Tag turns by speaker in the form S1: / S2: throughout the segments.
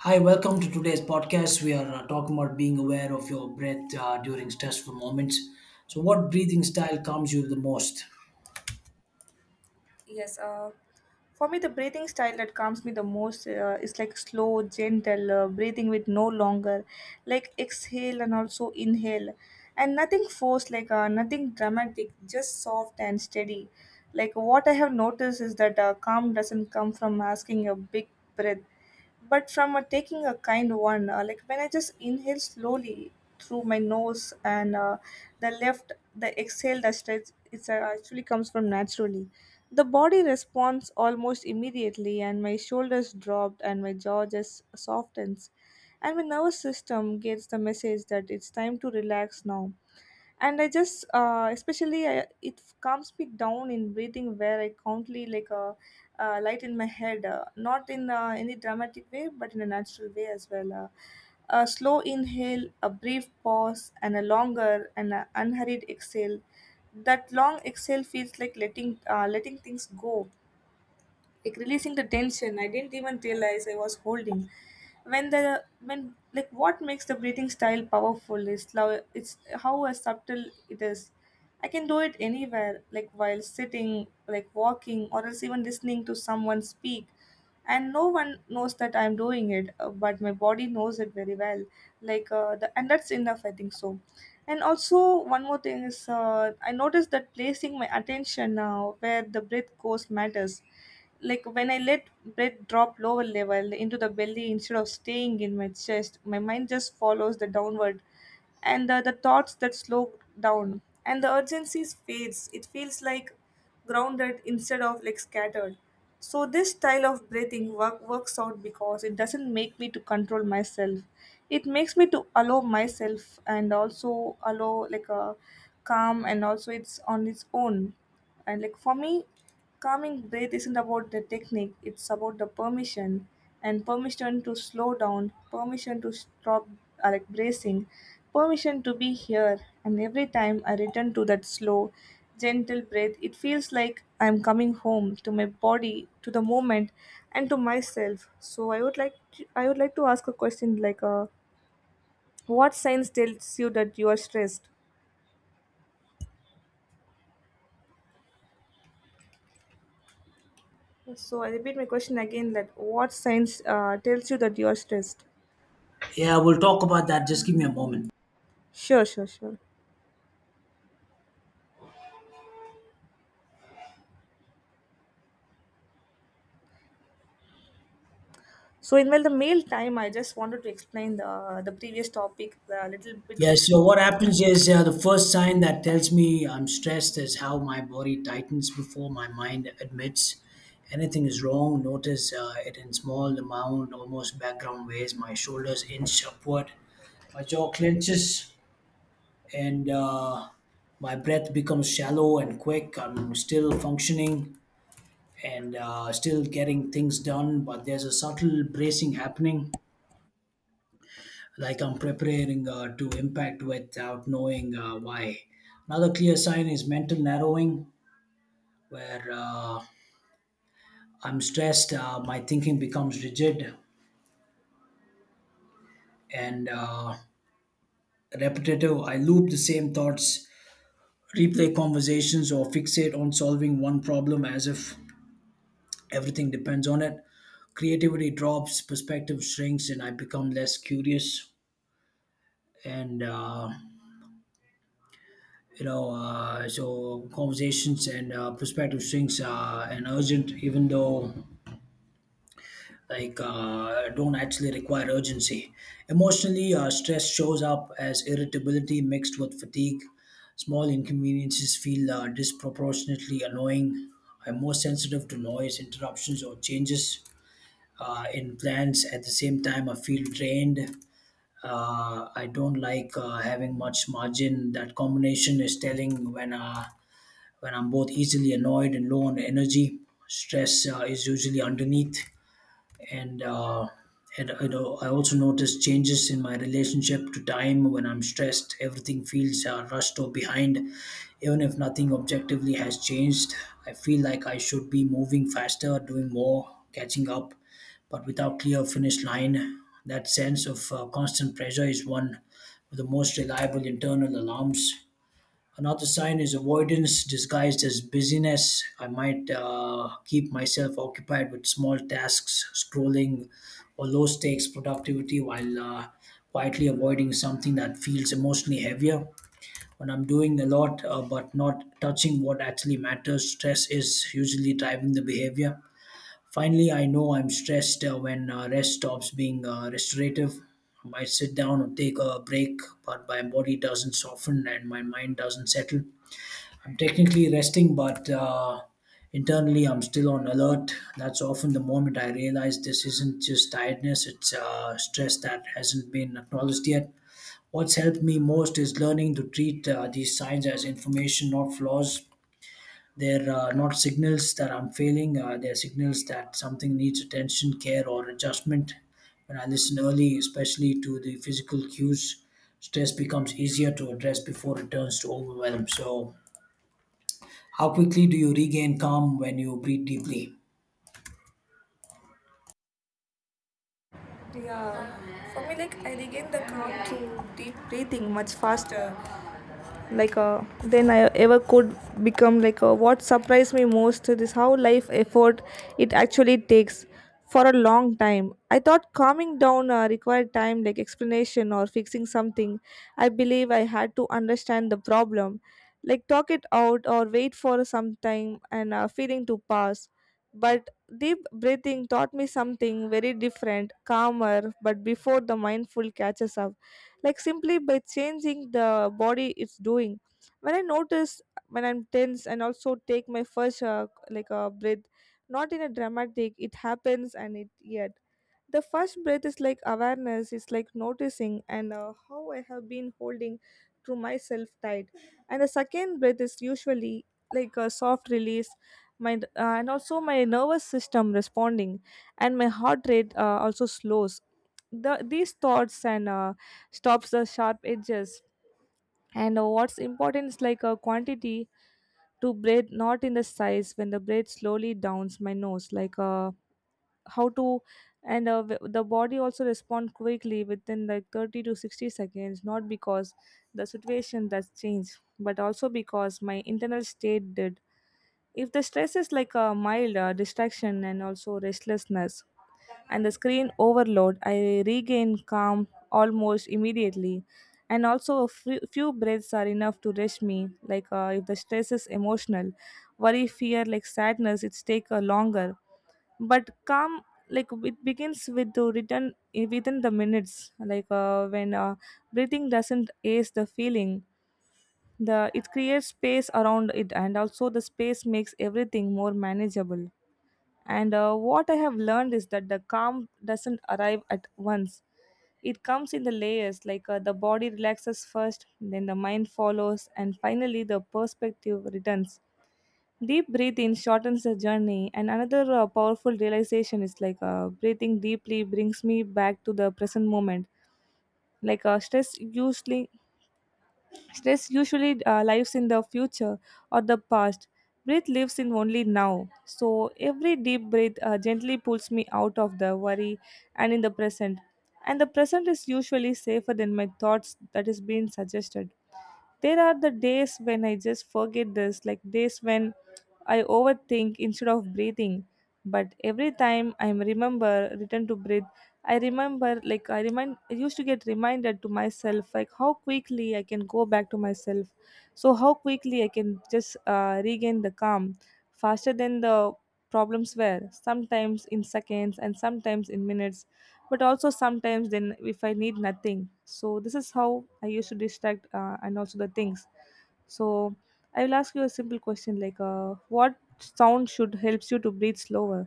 S1: Hi, welcome to today's podcast. We are talking about being aware of your breath during stressful moments. So, what breathing style calms you the most?
S2: Yes, for me, the breathing style that calms me the most is like slow, gentle breathing with no longer, like exhale and also inhale, and nothing forced, like nothing dramatic, just soft and steady. Like what I have noticed is that calm doesn't come from asking a big breath, but from taking a kind one. Like when I just inhale slowly through my nose and the exhale that stretch, it's actually comes from naturally. The body responds almost immediately, and my shoulders dropped, and my jaw just softens, and my nervous system gets the message that it's time to relax now, and I just especially I, it calms me down in breathing where I countly like a, light in my head not in any dramatic way but in a natural way as well, a slow inhale, a brief pause, and a longer and a unhurried exhale. That long exhale feels like letting things go, like releasing the tension I didn't even realize I was holding when the when like what makes the breathing style powerful is it's how a subtle it is. I can do it anywhere, like while sitting, like walking, or else even listening to someone speak, and no one knows that I'm doing it, but my body knows it very well, like and that's enough I think so. And also one more thing is, I noticed that placing my attention now where the breath goes matters. Like when I let breath drop lower level into the belly instead of staying in my chest, my mind just follows the downward, and the thoughts that slow down and the urgency fades. It feels like grounded instead of like scattered. So this style of breathing works out because it doesn't make me to control myself, it makes me to allow myself and also allow like a calm, and also it's on its own. And like for me, calming breath isn't about the technique, it's about the permission, and permission to slow down, permission to stop like bracing, permission to be here. And every time I return to that slow, gentle breath, it feels like I'm coming home to my body, to the moment, and to myself. So I would like to ask a question like, what signs tells you that you are stressed? So I repeat my question again, that what signs tells you that you are stressed?
S1: Yeah, we'll talk about that. Just give me a moment.
S2: Sure, sure, sure. So in well, the mail time, I just wanted to explain the previous topic a little bit.
S1: Yeah, so what happens is, the first sign that tells me I'm stressed is how my body tightens before my mind admits anything is wrong. Notice it in small amount, almost background ways. My shoulders inch upward, my jaw clenches, and my breath becomes shallow and quick. I'm still functioning and still getting things done, but there's a subtle bracing happening, like I'm preparing to impact without knowing why. Another clear sign is mental narrowing, where, I'm stressed, my thinking becomes rigid and repetitive. I loop the same thoughts, replay conversations, or fixate on solving one problem as if everything depends on it. Creativity drops, perspective shrinks, and I become less curious. And uh, so conversations and, perspective shrinks, and urgent, even though, like don't actually require urgency. Emotionally, stress shows up as irritability mixed with fatigue. Small inconveniences feel disproportionately annoying. I'm more sensitive to noise, interruptions, or changes in plans. At the same time, I feel drained. I don't like having much margin. That combination is telling when, when I'm both easily annoyed and low on energy. Stress is usually underneath. And uh, and you know, I also notice changes in my relationship to time when I'm stressed. Everything feels rushed or behind, even if nothing objectively has changed. I feel like I should be moving faster, doing more, catching up, but without clear finish line. That sense of constant pressure is one of the most reliable internal alarms. Another sign is avoidance disguised as busyness. I might keep myself occupied with small tasks, scrolling, or low stakes productivity while quietly avoiding something that feels emotionally heavier. When I'm doing a lot, but not touching what actually matters, stress is usually driving the behavior. Finally, I know I'm stressed when rest stops being restorative. I might sit down or take a break, but my body doesn't soften and my mind doesn't settle. I'm technically resting, but internally I'm still on alert. That's often the moment I realize this isn't just tiredness, it's stress that hasn't been acknowledged yet. What's helped me most is learning to treat these signs as information, not flaws. They're not signals that I'm failing, they're signals that something needs attention, care, or adjustment. When I listen early, especially to the physical cues, stress becomes easier to address before it turns to overwhelm. So, how quickly do you regain calm when you breathe deeply?
S2: Yeah, for me, like I regained the calm to deep breathing much faster, like than I ever could become, like what surprised me most is how life effort it actually takes. For a long time I thought calming down required time, like explanation or fixing something. I believe I had to understand the problem, like talk it out or wait for some time and feeling to pass. But deep breathing taught me something very different. Calmer but before the mindful catches up, like simply by changing the body it's doing. When i notice when I'm tense and also take my first like a breath, not in a dramatic it happens and it yet. The first breath is like awareness, it's like noticing and how I have been holding to myself tight, and the second breath is usually like a soft release, my and also my nervous system responding, and my heart rate also slows, these thoughts and stops the sharp edges. And what's important is like a quantity to breathe, not in the size. When the breath slowly downs my nose, like how to, and the body also respond quickly within like 30 to 60 seconds, not because the situation that's changed, but also because my internal state did. If the stress is like a mild distraction and also restlessness and the screen overload, I regain calm almost immediately. And also, a few breaths are enough to rush me. Like if the stress is emotional, worry, fear, like sadness, it's take longer. But calm, like it begins with the return within the minutes. Like when breathing doesn't ace the feeling, the it creates space around it, and also the space makes everything more manageable. And what I have learned is that the calm doesn't arrive at once. It comes in the layers, like the body relaxes first, then the mind follows, and finally the perspective returns. Deep breathing shortens the journey, and another powerful realization is like breathing deeply brings me back to the present moment. Like Stress usually lives in the future or the past. Breath lives in only now. So every deep breath gently pulls me out of the worry and in the present. And the present is usually safer than my thoughts that is being suggested. There are the days when I just forget this, like days when I overthink instead of breathing. But every time I remember, return to breathe, I used to get reminded to myself, like, how quickly I can go back to myself. So, how quickly I can just regain the calm faster than the problems were, sometimes in seconds and sometimes in minutes, but also sometimes then if I need nothing. So this is how I used to distract and also the things. So I will ask you a simple question, like what sound should helps you to breathe slower?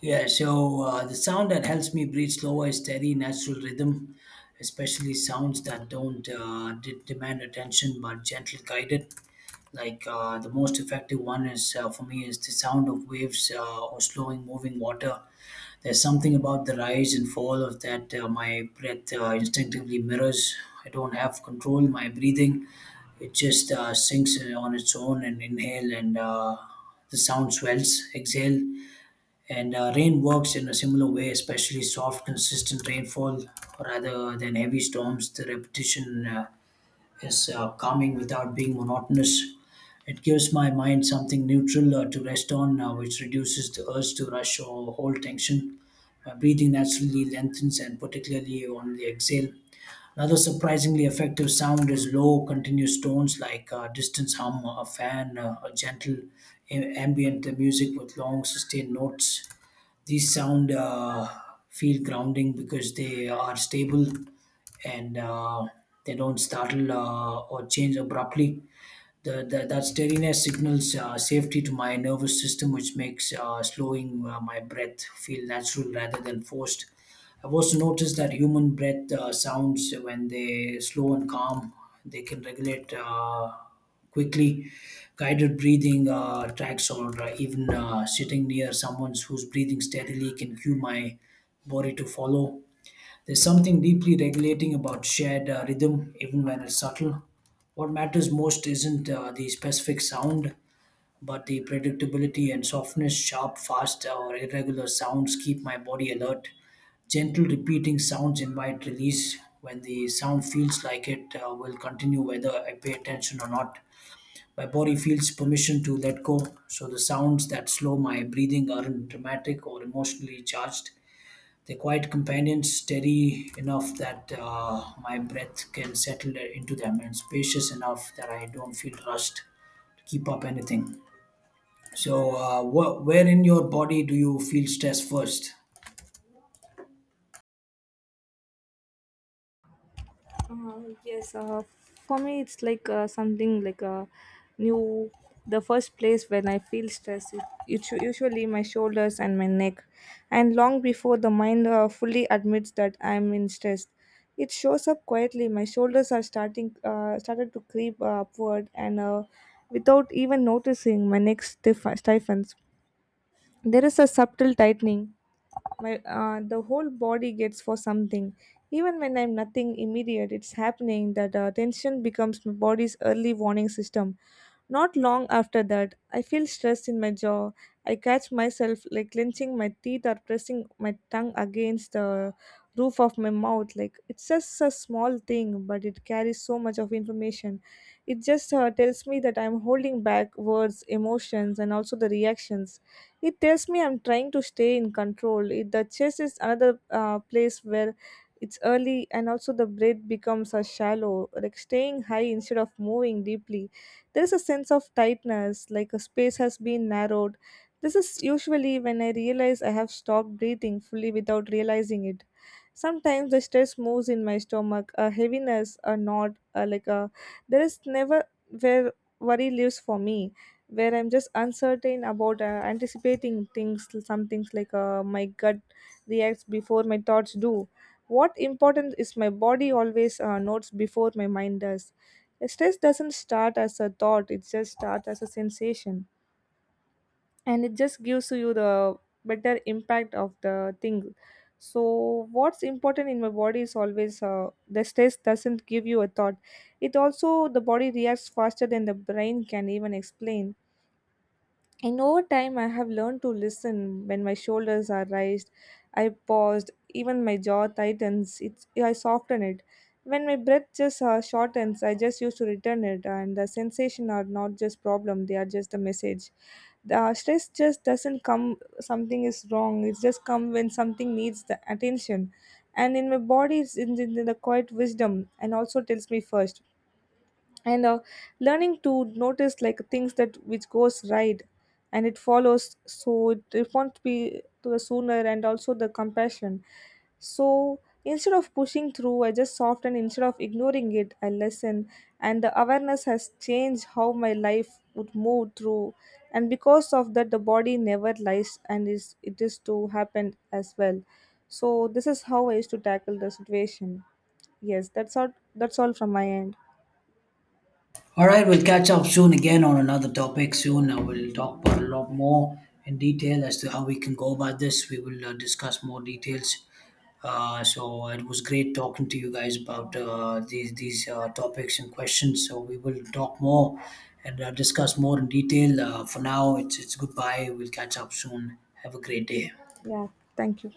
S1: Yeah, so the sound that helps me breathe slower is steady, natural rhythm, especially sounds that don't, demand attention but gently guided. Like the most effective one is for me is the sound of waves or slowing moving water. There's something about the rise and fall of that my breath instinctively mirrors. I don't have control my breathing, it just sinks in on its own, and inhale, and the sound swells exhale. And rain works in a similar way, especially soft consistent rainfall rather than heavy storms. The repetition is calming without being monotonous. It gives my mind something neutral to rest on, which reduces the urge to rush or hold tension. My breathing naturally lengthens, and particularly on the exhale, another surprisingly effective sound is low, continuous tones, like distance hum, a fan, a ambient music with long sustained notes. These sound feel grounding because they are stable and they don't startle or change abruptly. That steadiness signals safety to my nervous system, which makes slowing my breath feel natural rather than forced. I've also noticed that human breath sounds, when they slow and calm, they can regulate quickly. Guided breathing tracks, or even sitting near someone who's breathing steadily can cue my body to follow. There's something deeply regulating about shared rhythm, even when it's subtle. What matters most isn't the specific sound, but the predictability and softness. Sharp, fast, or irregular sounds keep my body alert. Gentle, repeating sounds invite release. When the sound feels like it will continue, whether I pay attention or not, my body feels permission to let go. So the sounds that slow my breathing aren't dramatic or emotionally charged. They're quiet companions, steady enough that my breath can settle into them, and spacious enough that I don't feel rushed to keep up anything. So, where in your body do you feel stress first?
S2: Yes, for me it's like something like a new. The first place when I feel stress, it's usually my shoulders and my neck, and long before the mind fully admits that I'm in stress, it shows up quietly. My shoulders are starting started to creep upward, and without even noticing, my neck stiffens. There is a subtle tightening, my the whole body gets for something even when I'm nothing immediate. It's happening that tension becomes my body's early warning system. Not long after that, I feel stress in my jaw. I catch myself like clenching my teeth or pressing my tongue against the roof of my mouth. Like it's just a small thing but it carries so much of information. It just tells me that I'm holding back words, emotions, and also the reactions. It tells me I'm trying to stay in control. The chest is another place where it's early, and also the breath becomes a shallow, like staying high instead of moving deeply. There's a sense of tightness, like a space has been narrowed. This is usually when I realize I have stopped breathing fully without realizing it. Sometimes the stress moves in my stomach, a heaviness, a knot, like a there is never where worry lives for me, where I'm just uncertain about anticipating things, some things, like my gut reacts before my thoughts do. What important is my body always notes before my mind does. Stress doesn't start as a thought; it just starts as a sensation, and it just gives you the better impact of the thing. So, what's important in my body is always the stress doesn't give you a thought. It also the body reacts faster than the brain can even explain. And over time, I have learned to listen. When my shoulders are raised, I paused. Even my jaw tightens, it's, I soften it. When my breath just shortens, I just used to return it. And the sensation are not just problem; they are just a message. The stress just doesn't come something is wrong. It just come when something needs the attention. And in my body, it's in the quiet wisdom, and also tells me first. And learning to notice, like, things that which goes right and it follows, so it responds be to the sooner and also the compassion. So instead of pushing through I just soften, instead of ignoring it I listen, and the awareness has changed how my life would move through. And because of that, the body never lies, and is it is to happen as well. So this is how I used to tackle the situation. Yes, that's all from my end.
S1: All right, we'll catch up soon again on another topic. Soon I will talk about a lot more in detail as to how we can go about this. We will discuss more details. So it was great talking to you guys about these topics and questions. So we will talk more and discuss more in detail. For now, it's goodbye. We'll catch up soon. Have a great day.
S2: Yeah, thank you.